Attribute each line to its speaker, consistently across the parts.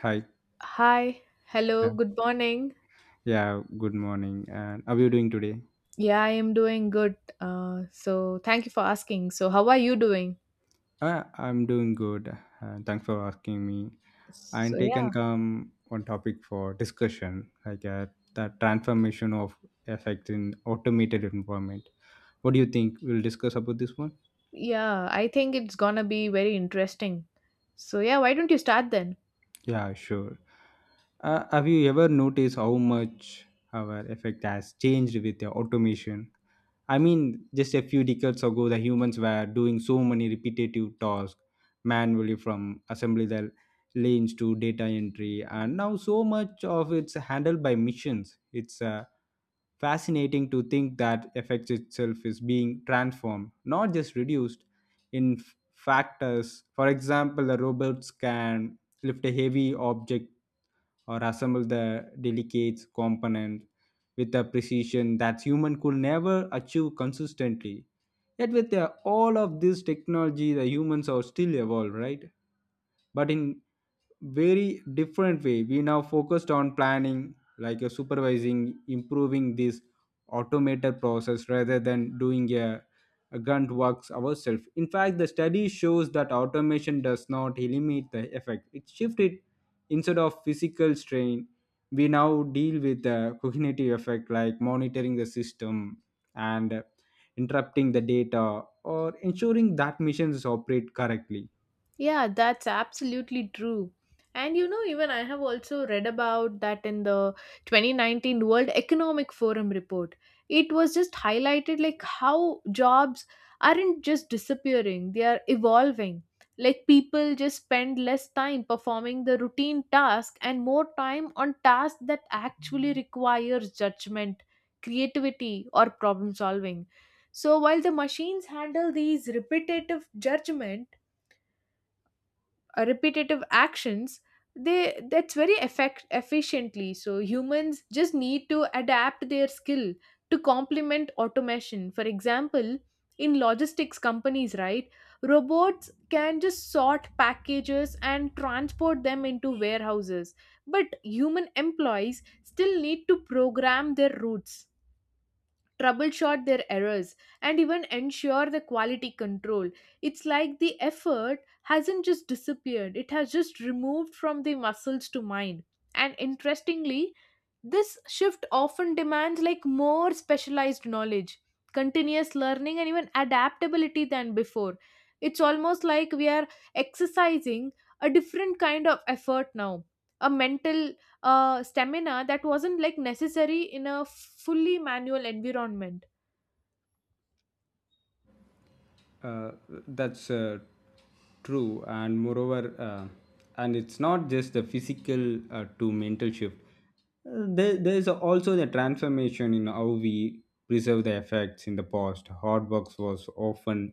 Speaker 1: Hi.
Speaker 2: Hi, hello,
Speaker 1: Yeah.
Speaker 2: good morning.
Speaker 1: Yeah, good morning. And how are you doing today?
Speaker 2: Yeah, I am doing good. So thank you for asking. So how are you doing?
Speaker 1: I'm doing good. Thanks for asking me.
Speaker 2: So
Speaker 1: And take and
Speaker 2: yeah,
Speaker 1: come one topic for discussion, like the transformation of effects in automated environment. What do you think? We'll discuss about this one.
Speaker 2: yeah, I think it's gonna be very interesting. So yeah, why don't you start then?
Speaker 1: Yeah, sure. Have you ever noticed how much our effect has changed with the automation? I mean, just a few decades ago, the humans were doing so many repetitive tasks manually from assembly the lanes to data entry, and now so much of it's handled by machines. It's Fascinating to think that effects itself is being transformed, not just reduced in factors. For example, the robots can lift a heavy object or assemble the delicate component with a precision that human could never achieve consistently. Yet with all of this technology, the humans are still evolved, right? But in very different way, we now focused on planning like a supervising improving this automated process rather than doing a grunt works ourselves. In fact, the study shows that automation does not eliminate the effect, it shifts it. Instead of physical strain, we now deal with the cognitive effect like monitoring the system and interrupting the data or ensuring that missions operate correctly.
Speaker 2: Yeah, that's absolutely true. And you know, even I have also read about that in the 2019 World Economic Forum report. It was just highlighted like how jobs aren't just disappearing, they are evolving. Like people just spend less time performing the routine task and more time on tasks that actually requires judgment, creativity or problem solving. So while the machines handle these repetitive actions, they that's very effect efficiently, so humans just need to adapt their skill to complement automation. For example, in logistics companies, right, robots can just sort packages and transport them into warehouses, but human employees still need to program their routes, troubleshoot their errors, and even ensure the quality control. It's like the effort hasn't just disappeared, it has just removed from the muscles to mind. And interestingly, this shift often demands like more specialized knowledge, continuous learning, and even adaptability than before. It's almost like we are exercising a different kind of effort now, a mental stamina that wasn't like necessary in a fully manual environment.
Speaker 1: Uh, that's true, and moreover, and it's not just the physical to mental shift. There is also the transformation in how we preserve the effects. In the past, hard work was often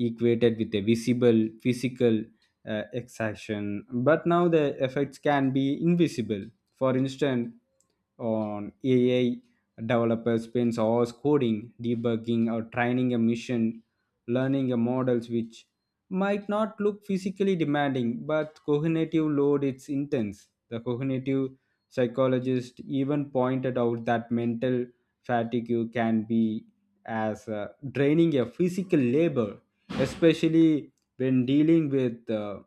Speaker 1: equated with a visible physical extraction, but now the effects can be invisible. For instance, on AI developers spends hours coding, debugging, or training a machine, learning a models which might not look physically demanding, but cognitive load it's intense. The cognitive psychologist even pointed out that mental fatigue can be as draining a physical labor, especially when dealing with uh,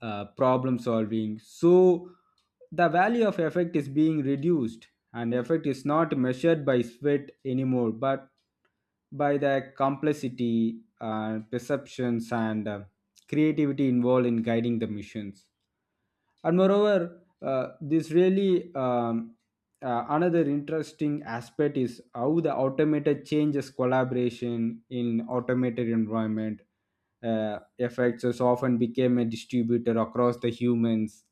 Speaker 1: uh, problem solving. So the value of effect is being reduced, and effect is not measured by sweat anymore, but by the complexity, perceptions, and creativity involved in guiding the missions. And moreover, this really another interesting aspect is how the automated changes collaboration in automated environment. Effects has often became a distributor across the humans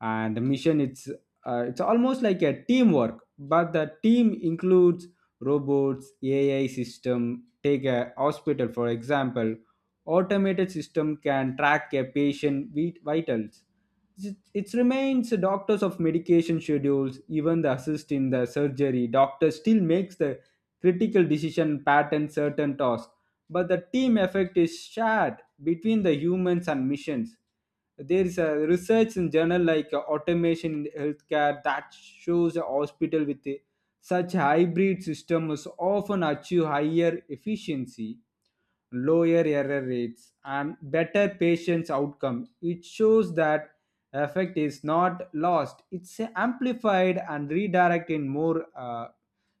Speaker 1: and the mission. It's almost like a teamwork, but the team includes robots, AI system. Take a hospital for example. Automated system can track a patient vitals, it remains the doctors of medication schedules, even the assist in the surgery. Doctor still makes the critical decision pattern certain tasks, but the team effect is shared between the humans and missions. There is a research in journal like automation in healthcare that shows a hospital with such hybrid system is often achieve higher efficiency, lower error rates, and better patient outcome. It shows that effect is not lost; it's amplified and redirected in more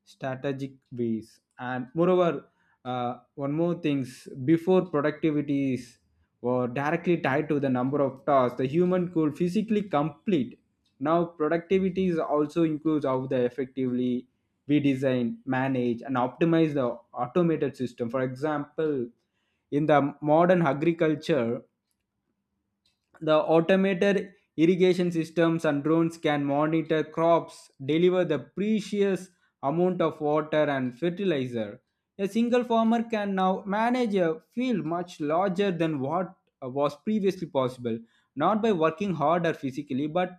Speaker 1: strategic ways. And moreover, one more things. Before, productivity is were directly tied to the number of tasks the human could physically complete. Now productivity is also includes how the effectively we design, manage, and optimize the automated system. For example, in the modern agriculture, the automated irrigation systems and drones can monitor crops, deliver the precious amount of water and fertilizer. A single farmer can now manage a field much larger than what was previously possible, not by working harder physically, but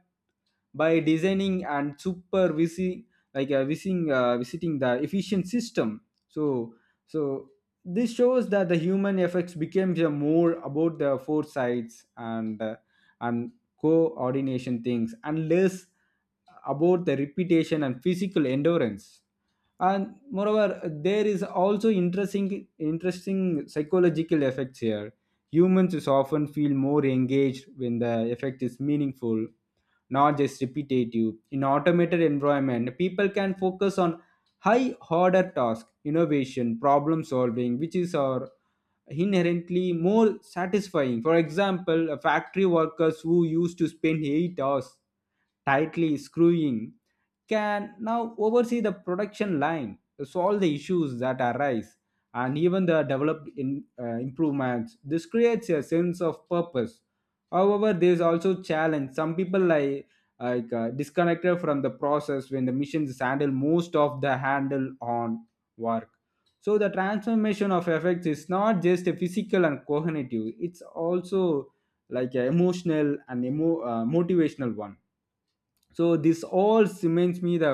Speaker 1: by designing and supervising like visiting the efficient system. So so this shows that the human effects became the more about the foresights and and coordination things, and less about the repetition and physical endurance. And moreover, there is also interesting psychological effects here. Humans is often feel more engaged when the effect is meaningful, not just repetitive. In automated environment, people can focus on high order tasks, innovation, problem solving, which is our inherently more satisfying. For example, a factory workers who used to spend 8 hours tightly screwing can now oversee the production line, solve the issues that arise, and even the developed in, improvements. This creates a sense of purpose. However, there is also challenge. Some people like disconnected from the process when the machines handle most of the handle on work. So the transformation of effects is not just a physical and cognitive; it's also like a emotional and motivational one. So this all cements me the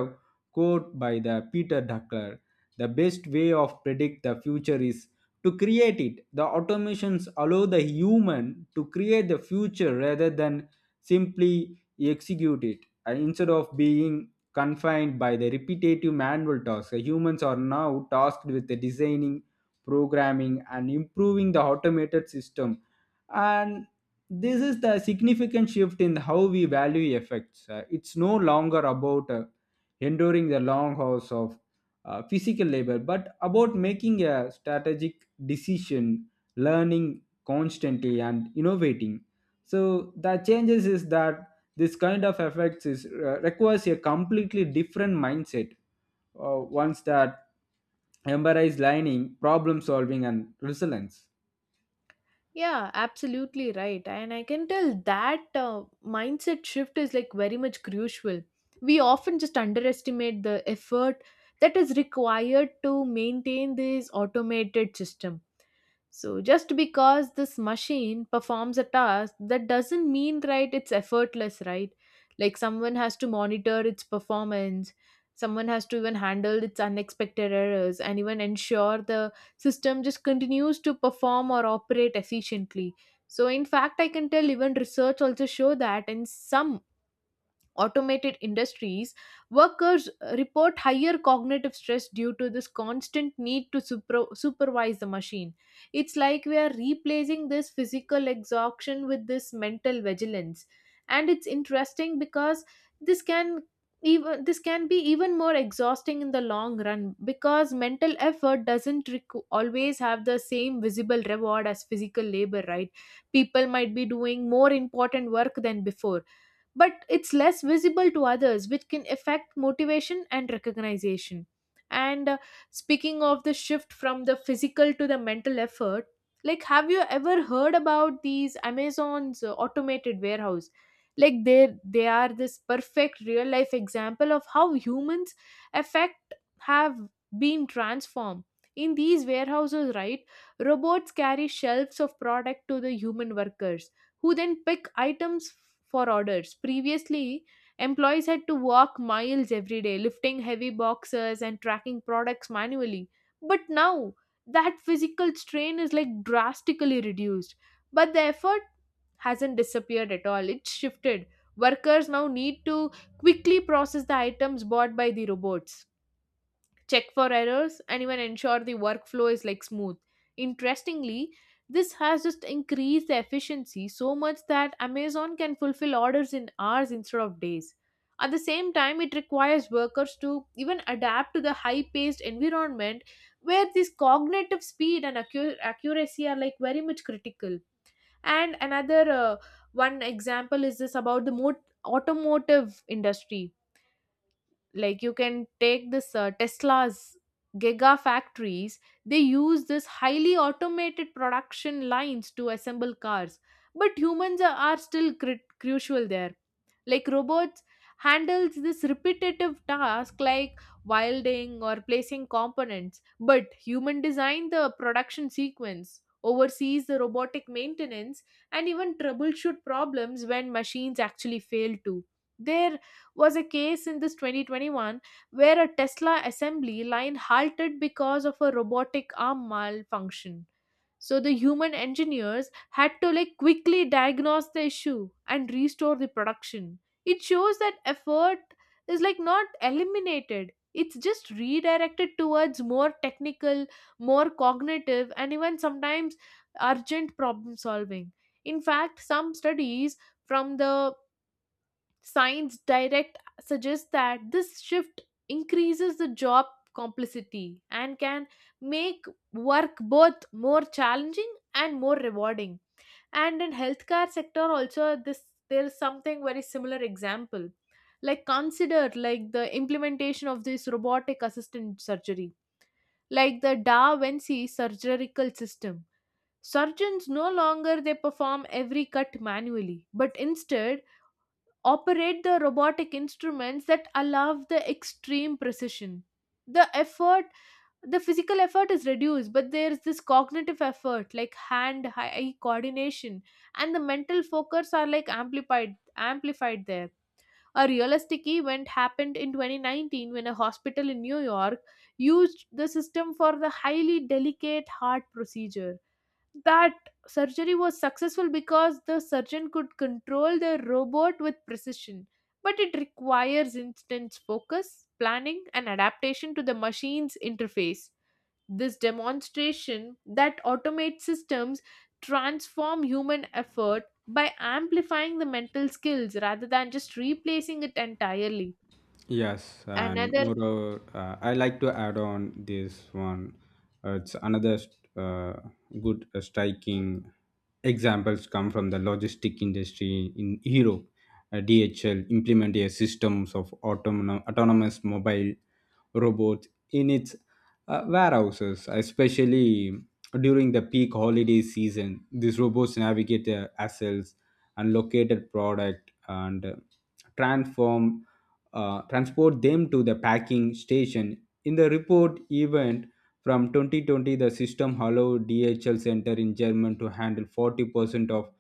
Speaker 1: quote by the Peter Drucker: "The best way of predict the future is to create it." The automations allow the human to create the future rather than simply execute it. And instead of being confined by the repetitive manual tasks, the humans are now tasked with the designing, programming, and improving the automated system, and this is the significant shift in how we value effects. It's no longer about enduring the long hours of physical labor, but about making a strategic decision, learning constantly, and innovating. So the changes is that this kind of effects is requires a completely different mindset. Ones that embrace learning, problem solving, and resilience.
Speaker 2: Yeah, absolutely right. And I can tell that mindset shift is like very much crucial. We often just underestimate the effort that is required to maintain this automated system. So just because this machine performs a task, that doesn't mean, right, it's effortless, right? Like someone has to monitor its performance, someone has to even handle its unexpected errors and even ensure the system just continues to perform or operate efficiently. So in fact, I can tell even research also show that in some automated industries, workers report higher cognitive stress due to this constant need to supervise the machine. It's like we are replacing this physical exhaustion with this mental vigilance. And it's interesting because this can even this can be even more exhausting in the long run, because mental effort doesn't always have the same visible reward as physical labor, right? People might be doing more important work than before, but it's less visible to others, which can affect motivation and recognition. And speaking of the shift from the physical to the mental effort, like, have you ever heard about these Amazon's automated warehouse? Like, they are this perfect real life example of how humans affect have been transformed. In these warehouses, right, robots carry shelves of product to the human workers who then pick items for orders. Previously, employees had to walk miles every day, lifting heavy boxes and tracking products manually. But now, that physical strain is like drastically reduced. But the effort hasn't disappeared at all, it's shifted. Workers now need to quickly process the items bought by the robots, check for errors, and even ensure the workflow is like smooth. Interestingly, this has just increased the efficiency so much that Amazon can fulfill orders in hours instead of days. At the same time, it requires workers to even adapt to the high paced environment where this cognitive speed and accuracy are like very much critical. And another one example is this about the automotive industry, like you can take this tesla's giga factories. They use this highly automated production lines to assemble cars, but are still crucial there. Like robots handles this repetitive task like welding or placing components, but human design the production sequence, oversees the robotic maintenance, and even troubleshoot problems when machines actually fail to their was a case in this 2021 where a Tesla assembly line halted because of a robotic arm malfunction. So the human engineers had to like quickly diagnose the issue and restore the production. It shows that effort is like not eliminated. It's just redirected towards more technical, more cognitive, and even sometimes urgent problem solving. In fact, some studies from the Science Direct suggests that this shift increases the job complexity and can make work both more challenging and more rewarding. And in healthcare sector also, this there's something very similar example. Like consider like the implementation of this robotic assistant surgery, like the Da Vinci surgical system. Surgeons no longer they perform every cut manually, but instead operate the robotic instruments that allow the extreme precision. the effort the physical effort is reduced, but there's this cognitive effort like hand eye coordination and the mental focus are like amplified there. A realistic event happened in 2019 when a hospital in New York used the system for the highly delicate heart procedure. That surgery was successful because the surgeon could control the robot with precision. But it requires intense focus, planning, and adaptation to the machine's interface. This demonstration that automate systems transform human effort by amplifying the mental skills rather than just replacing it entirely.
Speaker 1: Yes, and
Speaker 2: Another
Speaker 1: moreover, I like to add on this one. It's another st- good striking examples come from the logistic industry in Europe. DHL implemented a systems of autonomous mobile robots in its warehouses, especially during the peak holiday season. These robots navigate the assets and located product and transform transport them to the packing station. In the report event from 2020, the system allowed DHL Center in Germany to handle 40% of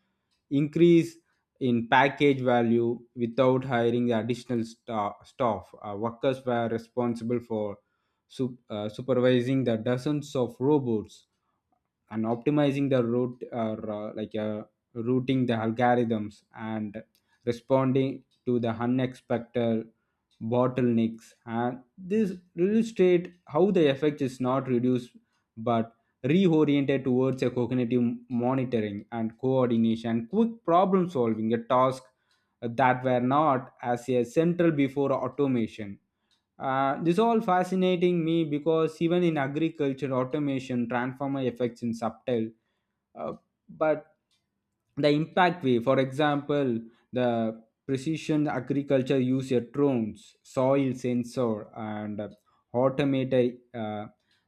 Speaker 1: increase in package value without hiring additional staff. Workers were responsible for supervising the dozens of robots and optimizing the route or routing the algorithms and responding to the unexpected bottlenecks. And this illustrate how the effect is not reduced but reoriented towards a cognitive monitoring and coordination, quick problem solving, a task that were not as a central before automation. This all fascinating me because even in agriculture, automation, transformer effects in subtle, uh, but the impact way. For example, the precision agriculture use your drones, soil sensor, and automated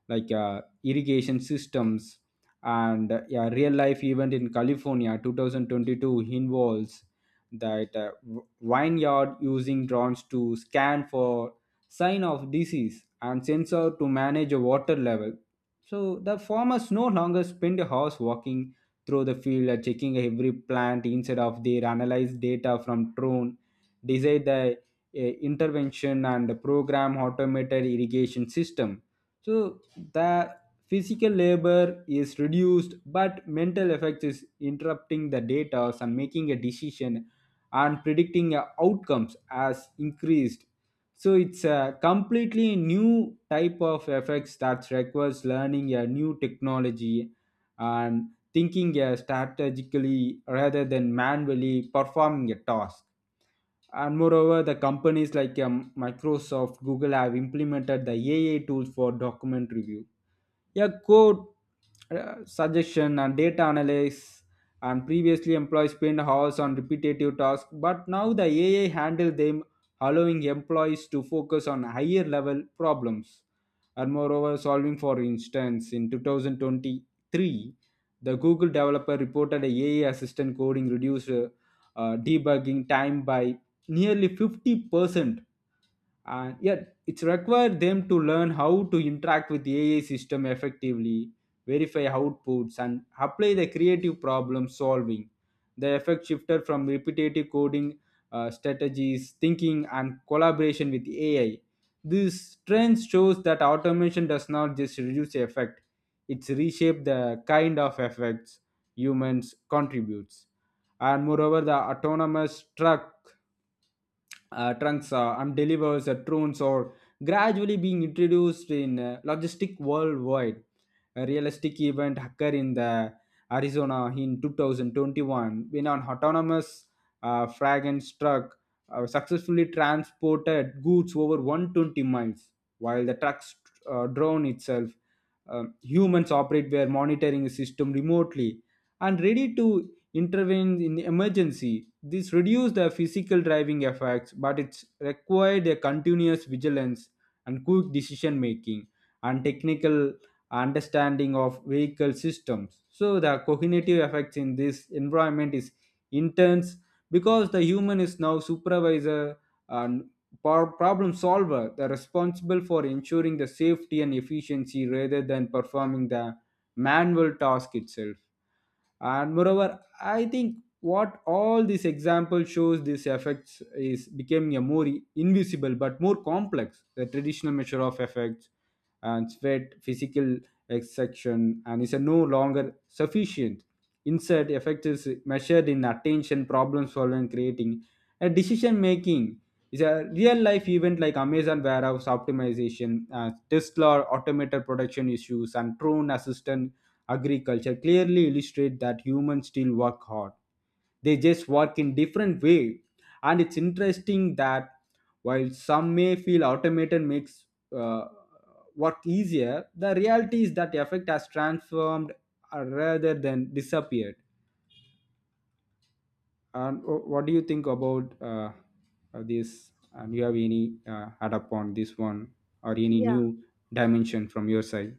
Speaker 1: like irrigation systems and yeah, real life event in California 2022 involves that vineyard using drones to scan for sign of disease and sensor to manage a water level. So the farmers no longer spend hours walking through the field, checking every plant. Instead of their analyze data from drone, decide the uh, intervention and program automated irrigation system. So the physical labor is reduced, but mental effects is interrupting the data and making a decision and predicting outcomes as increased. So it's a completely new type of effects that requires learning a new technology and thinking strategically rather than manually performing a task. And moreover, the companies like Microsoft, Google have implemented the AI tools for document review, yeah, code suggestion and data analysis, and previously employees spend hours on repetitive tasks, but now the AI handle them, allowing employees to focus on higher level problems. And moreover, solving for instance, in 2023, the Google developer reported a AI assistant coding reduced debugging time by nearly 50%, and yet it's required them to learn how to interact with AI system effectively, verify outputs, and apply the creative problem solving. The effect shifted from repetitive coding strategies thinking and collaboration with AI. This trend shows that automation does not just reduce effect, it's reshape the kind of effects humans contributes. And moreover, the autonomous truck trunks and delivers drones are gradually being introduced in logistic worldwide. A realistic event occurred in the Arizona in 2021 when an autonomous fragrance truck successfully transported goods over 120 miles while the truck's drone itself. Humans operate were monitoring the system remotely and ready to intervenes in emergency. This reduces the physical driving effects, but it requires a continuous vigilance and quick decision making and technical understanding of vehicle systems. So the cognitive effects in this environment is intense because the human is now supervisor and problem solver, the responsible for ensuring the safety and efficiency rather than performing the manual task itself. And moreover, I think what all this example shows, these effects is becoming a more invisible but more complex. The traditional measure of effects and sweat physical extraction and is no longer sufficient. Instead, effect is measured in attention, problem solving, creating a decision making. Is a real life event like amazon warehouse optimization, tesla automated production issues and drone assistant agriculture clearly illustrate that humans still work hard. They just work in different way. And it's interesting that while some may feel automated makes uh, work easier, the reality is that effect has transformed rather than disappeared. And what do you think about this, and you have any add up on this one or any new dimension from your side?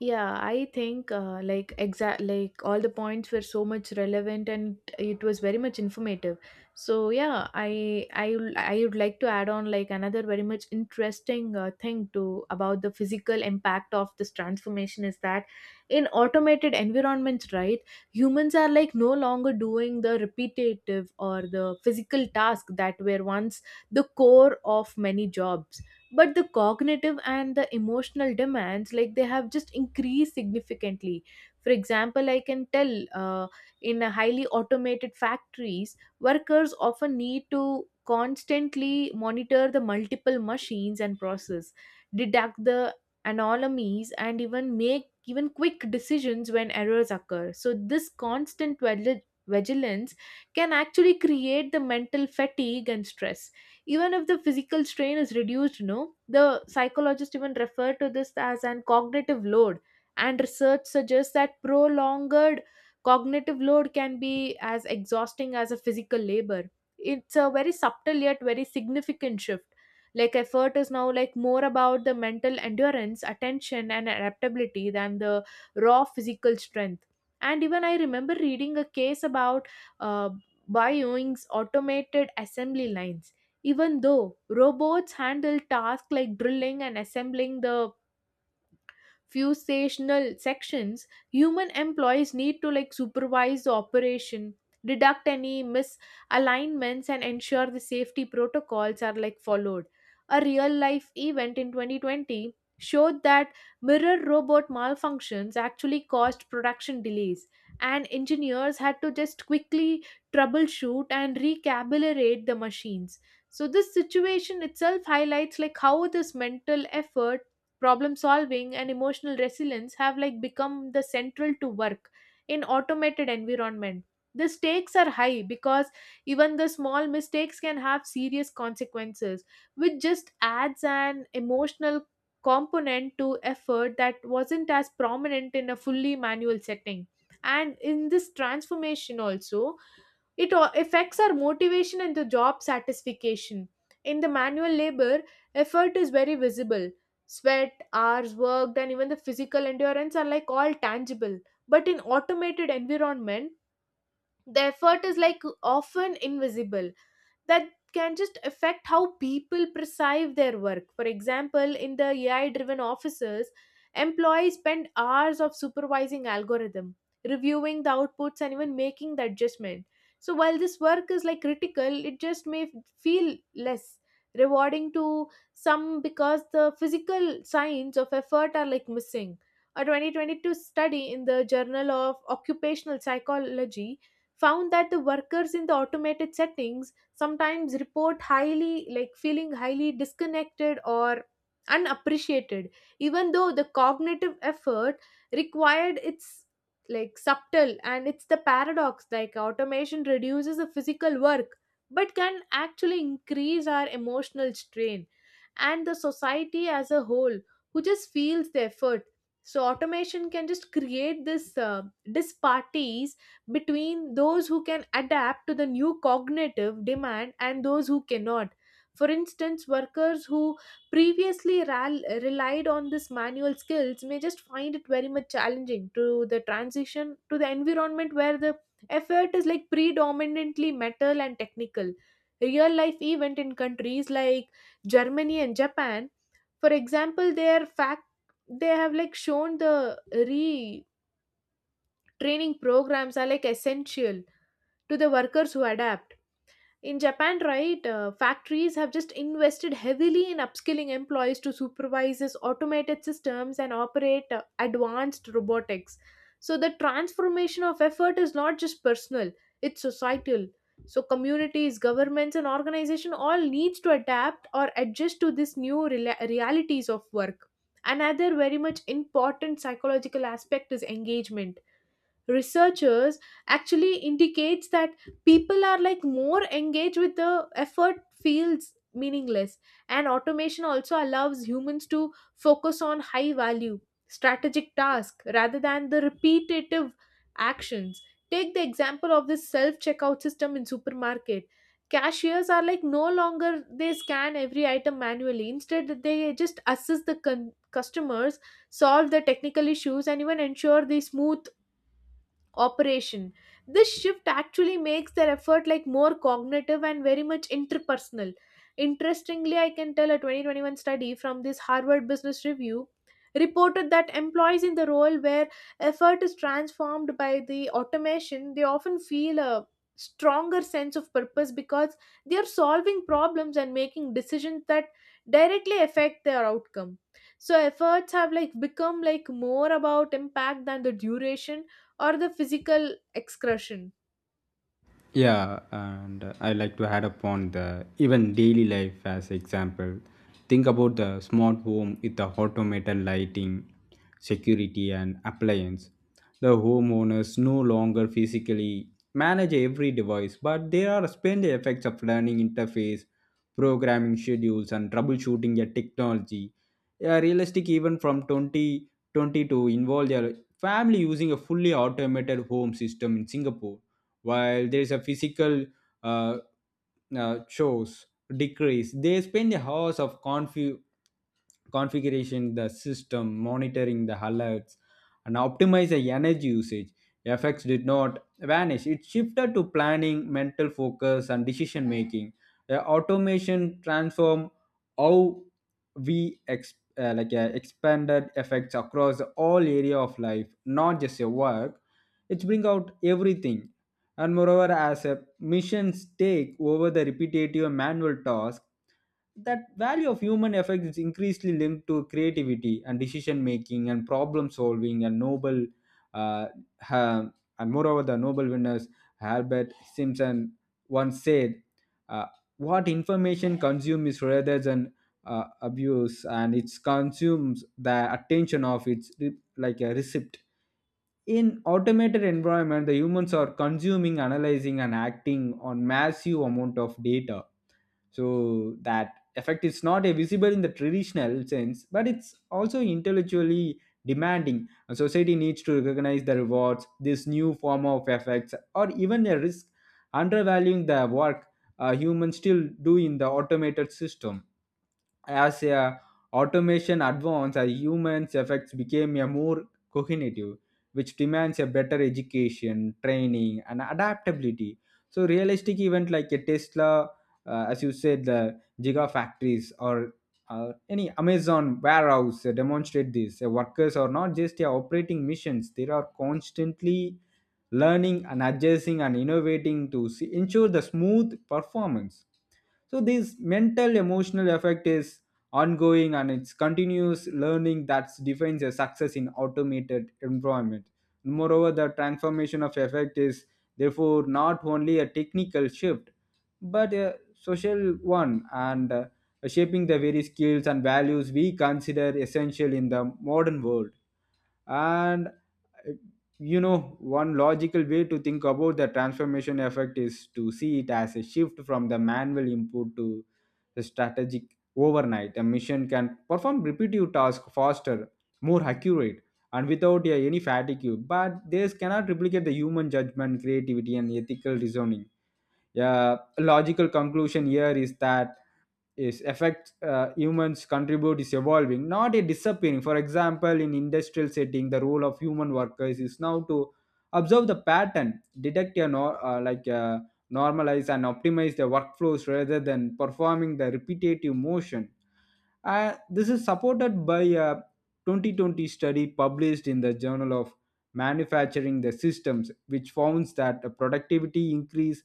Speaker 2: Yeah, I think like exact like all the points were so much relevant and it was very much informative. So yeah, I would like to add on like another very much interesting thing to about the physical impact of this transformation is that in automated environments, right, humans are like no longer doing the repetitive or the physical task that were once the core of many jobs, but the cognitive and the emotional demands like they have just increased significantly. For example, I can tell uh, in a highly automated factories, workers often need to constantly monitor the multiple machines and process, deduct the anomalies, and even make even quick decisions when errors occur. So this constant vigilance can actually create the mental fatigue and stress even if the physical strain is reduced, you know. The psychologists even refer to this as an cognitive load, and research suggests that prolonged cognitive load can be as exhausting as a physical labor. It's a very subtle yet very significant shift. Like effort is now like more about the mental endurance, attention and adaptability than the raw physical strength. And even I remember reading a case about uh, Boeing's automated assembly lines. Even though robots handle tasks like drilling and assembling the Fusational sections, human employees need to like supervise the operation, deduct any misalignments, and ensure the safety protocols are like followed. A real life event in 2020 showed that mirror robot malfunctions actually caused production delays, and engineers had to just quickly troubleshoot and recalibrate the machines. So this situation itself highlights like how this mental effort, problem solving, and emotional resilience have like become the central to work in automated environment. The stakes are high because even the small mistakes can have serious consequences, which just adds an emotional component to effort that wasn't as prominent in a fully manual setting. And in this transformation also, it affects our motivation and the job satisfaction. In the manual labor, effort is very visible. Sweat, hours worked, and even the physical endurance are like all tangible. But in automated environment, the effort is like often invisible, that can just affect how people perceive their work. For example, in the AI driven offices, employees spend hours of supervising algorithm, reviewing the outputs, and even making the adjustment. So while this work is like critical, it just may feel less rewarding to some because the physical signs of effort are like missing. A 2022 study in the Journal of Occupational Psychology found that the workers in the automated settings sometimes report highly like feeling highly disconnected or unappreciated, even though the cognitive effort required it's like subtle. And it's the paradox, like automation reduces the physical work but can actually increase our emotional strain and the society as a whole, who just feels the effort. So automation can just create this disparities between those who can adapt to the new cognitive demand and those who cannot. For instance, workers who previously relied on this manual skills may just find it very much challenging to the transition to the environment where the effort is like predominantly metal and technical. Real life event in countries like Germany and Japan, for example, their fact they have like shown the retraining programs are like essential to the workers who adapt. In Japan, right, factories have just invested heavily in upskilling employees to supervise these automated systems and operate advanced robotics. So the transformation of effort is not just personal, it's societal. So communities, governments and organization all needs to adapt or adjust to this new realities of work. Another very much important psychological aspect is engagement. Researchers actually indicates that people are like more engaged with the effort feels meaningless, and automation also allows humans to focus on high value strategic tasks rather than the repetitive actions. Take the example of this self checkout system in supermarket. Cashiers are like no longer they scan every item manually, instead they just assist the customers, solve the technical issues, and even ensure the smooth operation. This shift actually makes their effort like more cognitive and very much interpersonal. Interestingly, I can tell a 2021 study from this Harvard Business Review reported that employees in the role where effort is transformed by the automation, they often feel a stronger sense of purpose because they are solving problems and making decisions that directly affect their outcome. So efforts have like become like more about impact than the duration or the physical excretion.
Speaker 1: Yeah, and I like to add upon the even daily life as example. Think about the smart home with the automated lighting, security and appliance. The homeowners no longer physically manage every device, but they are spend the effects of learning interface, programming schedules and troubleshooting a technology. Yeah, realistic even from 2022 involve their family using a fully automated home system in Singapore. While there is a physical uh, chores decrease, they spend hours of configuration the system, monitoring the alerts and optimize the energy usage. Effects did not vanish, it shifted to planning, mental focus and decision making. The automation transform how we expanded effects across all area of life, not just your work. It's bring out everything. And moreover, as a missions take over the repetitive and manual task, that value of human effect is increasingly linked to creativity and decision making and problem solving and uh, ha- and moreover the Nobel winners Albert Simpson once said, uh, what information consumes is rather than abuse, and it consumes the attention of its like a receipt. In automated environment, the humans are consuming, analyzing, and acting on massive amount of data. So that effect is not a visible in the traditional sense, but it's also intellectually demanding. A society needs to recognize the rewards, this new form of effects, or even a risk, undervaluing the work humans still do in the automated system. As automation advanced, humans effects became a more cognitive, which demands a better education, training and adaptability. So realistic event like a tesla, as you said, the gigafactories or any amazon warehouse demonstrate this. Workers are not just operating missions, they are constantly learning and adjusting and innovating to ensure the smooth performance. So this mental emotional effect is ongoing, and it's continuous learning that defines a success in automated environment. Moreover, the transformation of effect is therefore not only a technical shift, but a social one, and shaping the very skills and values we consider essential in the modern world. And you know, one logical way to think about the transformation effect is to see it as a shift from the manual input to the strategic. Overnight, a machine can perform repetitive tasks faster, more accurate, and without any fatigue, but this cannot replicate the human judgment, creativity and ethical reasoning. Yeah, a logical conclusion here is that is effect humans contribute is evolving, not a disappearing. For example, in industrial setting, the role of human workers is now to observe the pattern, detect a normalize and optimize the workflows rather than performing the repetitive motion. This is supported by a 2020 study published in the Journal of Manufacturing the Systems, which founds that the productivity increased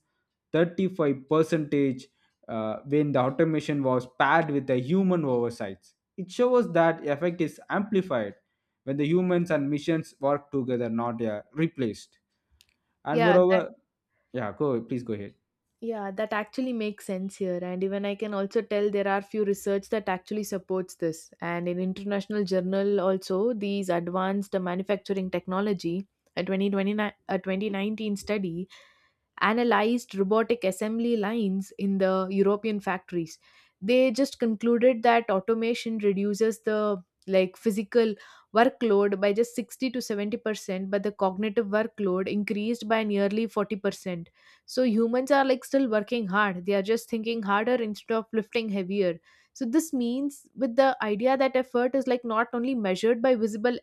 Speaker 1: 35 percentage when the automation was paired with the human oversight. It shows that effect is amplified when the humans and machines work together, not replaced. And
Speaker 2: Yeah, that
Speaker 1: moreover, yeah, go, please go ahead.
Speaker 2: yeah, that actually makes sense here. And even I can also tell there are few research that actually supports this. And in international journal also, these advanced manufacturing technology, a 2019 study analyzed robotic assembly lines in the European factories. They just concluded that automation reduces the like physical workload by just 60 to 70% but the cognitive workload increased by nearly 40%. So humans are like still working hard, they are just thinking harder instead of lifting heavier. So this means with the idea that effort is like not only measured by visible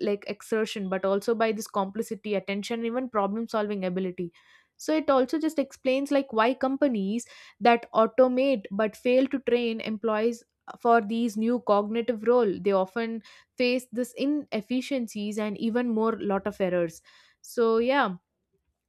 Speaker 2: like exertion, but also by this complicity, attention, even problem solving ability. So it also just explains like why companies that automate but fail to train employees for these new cognitive role, they often face this inefficiencies and even more lot of errors. So yeah,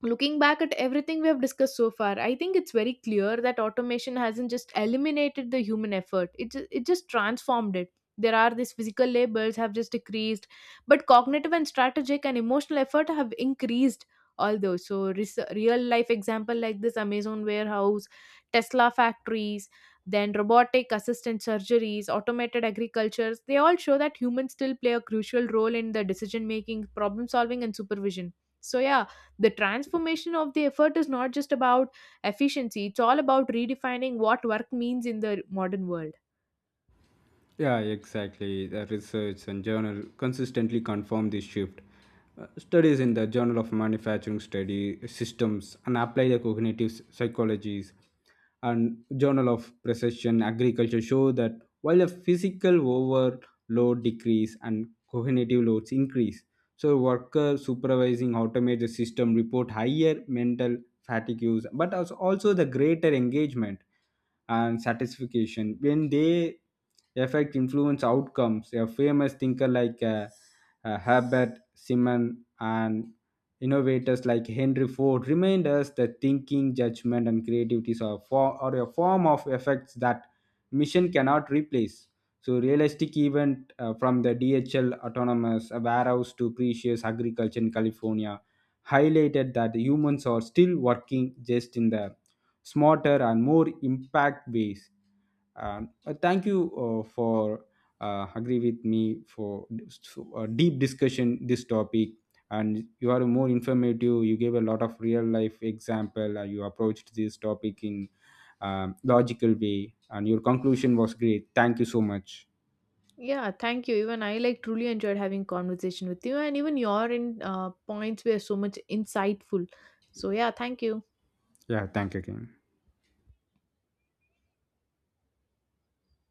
Speaker 2: looking back at everything we have discussed so far, I think it's very clear that automation hasn't just eliminated the human effort, it just transformed it. There are these physical labors have just decreased but cognitive and strategic and emotional effort have increased. All those so real life example like this Amazon warehouse, Tesla factories, then robotic assistant surgeries, automated agricultures, they all show that humans still play a crucial role in the decision making, problem solving, and supervision. So yeah, the transformation of the effort is not just about efficiency, it's all about redefining what work means in the modern world.
Speaker 1: Yeah, exactly. The research and journal consistently confirm this shift. Studies in the Journal of Manufacturing Study Systems and Applied Cognitive Psychologies and Journal of Precision Agriculture show that while the physical overload decrease and cognitive loads increase, so workers supervising automate the system report higher mental fatigues, but also the greater engagement and satisfaction when they affect influence outcomes. A famous thinker like herbert simon and innovators like henry ford remind us that thinking, judgment and creativity are, are a form of effects that mission cannot replace. So realistic event, from the dhl autonomous warehouse to precious agriculture in california, highlighted that humans are still working just in the smarter and more impact ways. Thank you for agree with me for deep discussion this topic, and you are more informative, you gave a lot of real life example. Uh, you approached this topic in logical way, and your conclusion was great. Thank you so much.
Speaker 2: Yeah, thank you. Even I like truly enjoyed having conversation with you, and even your in points were so much insightful. So yeah, thank you.
Speaker 1: Yeah, thank you again.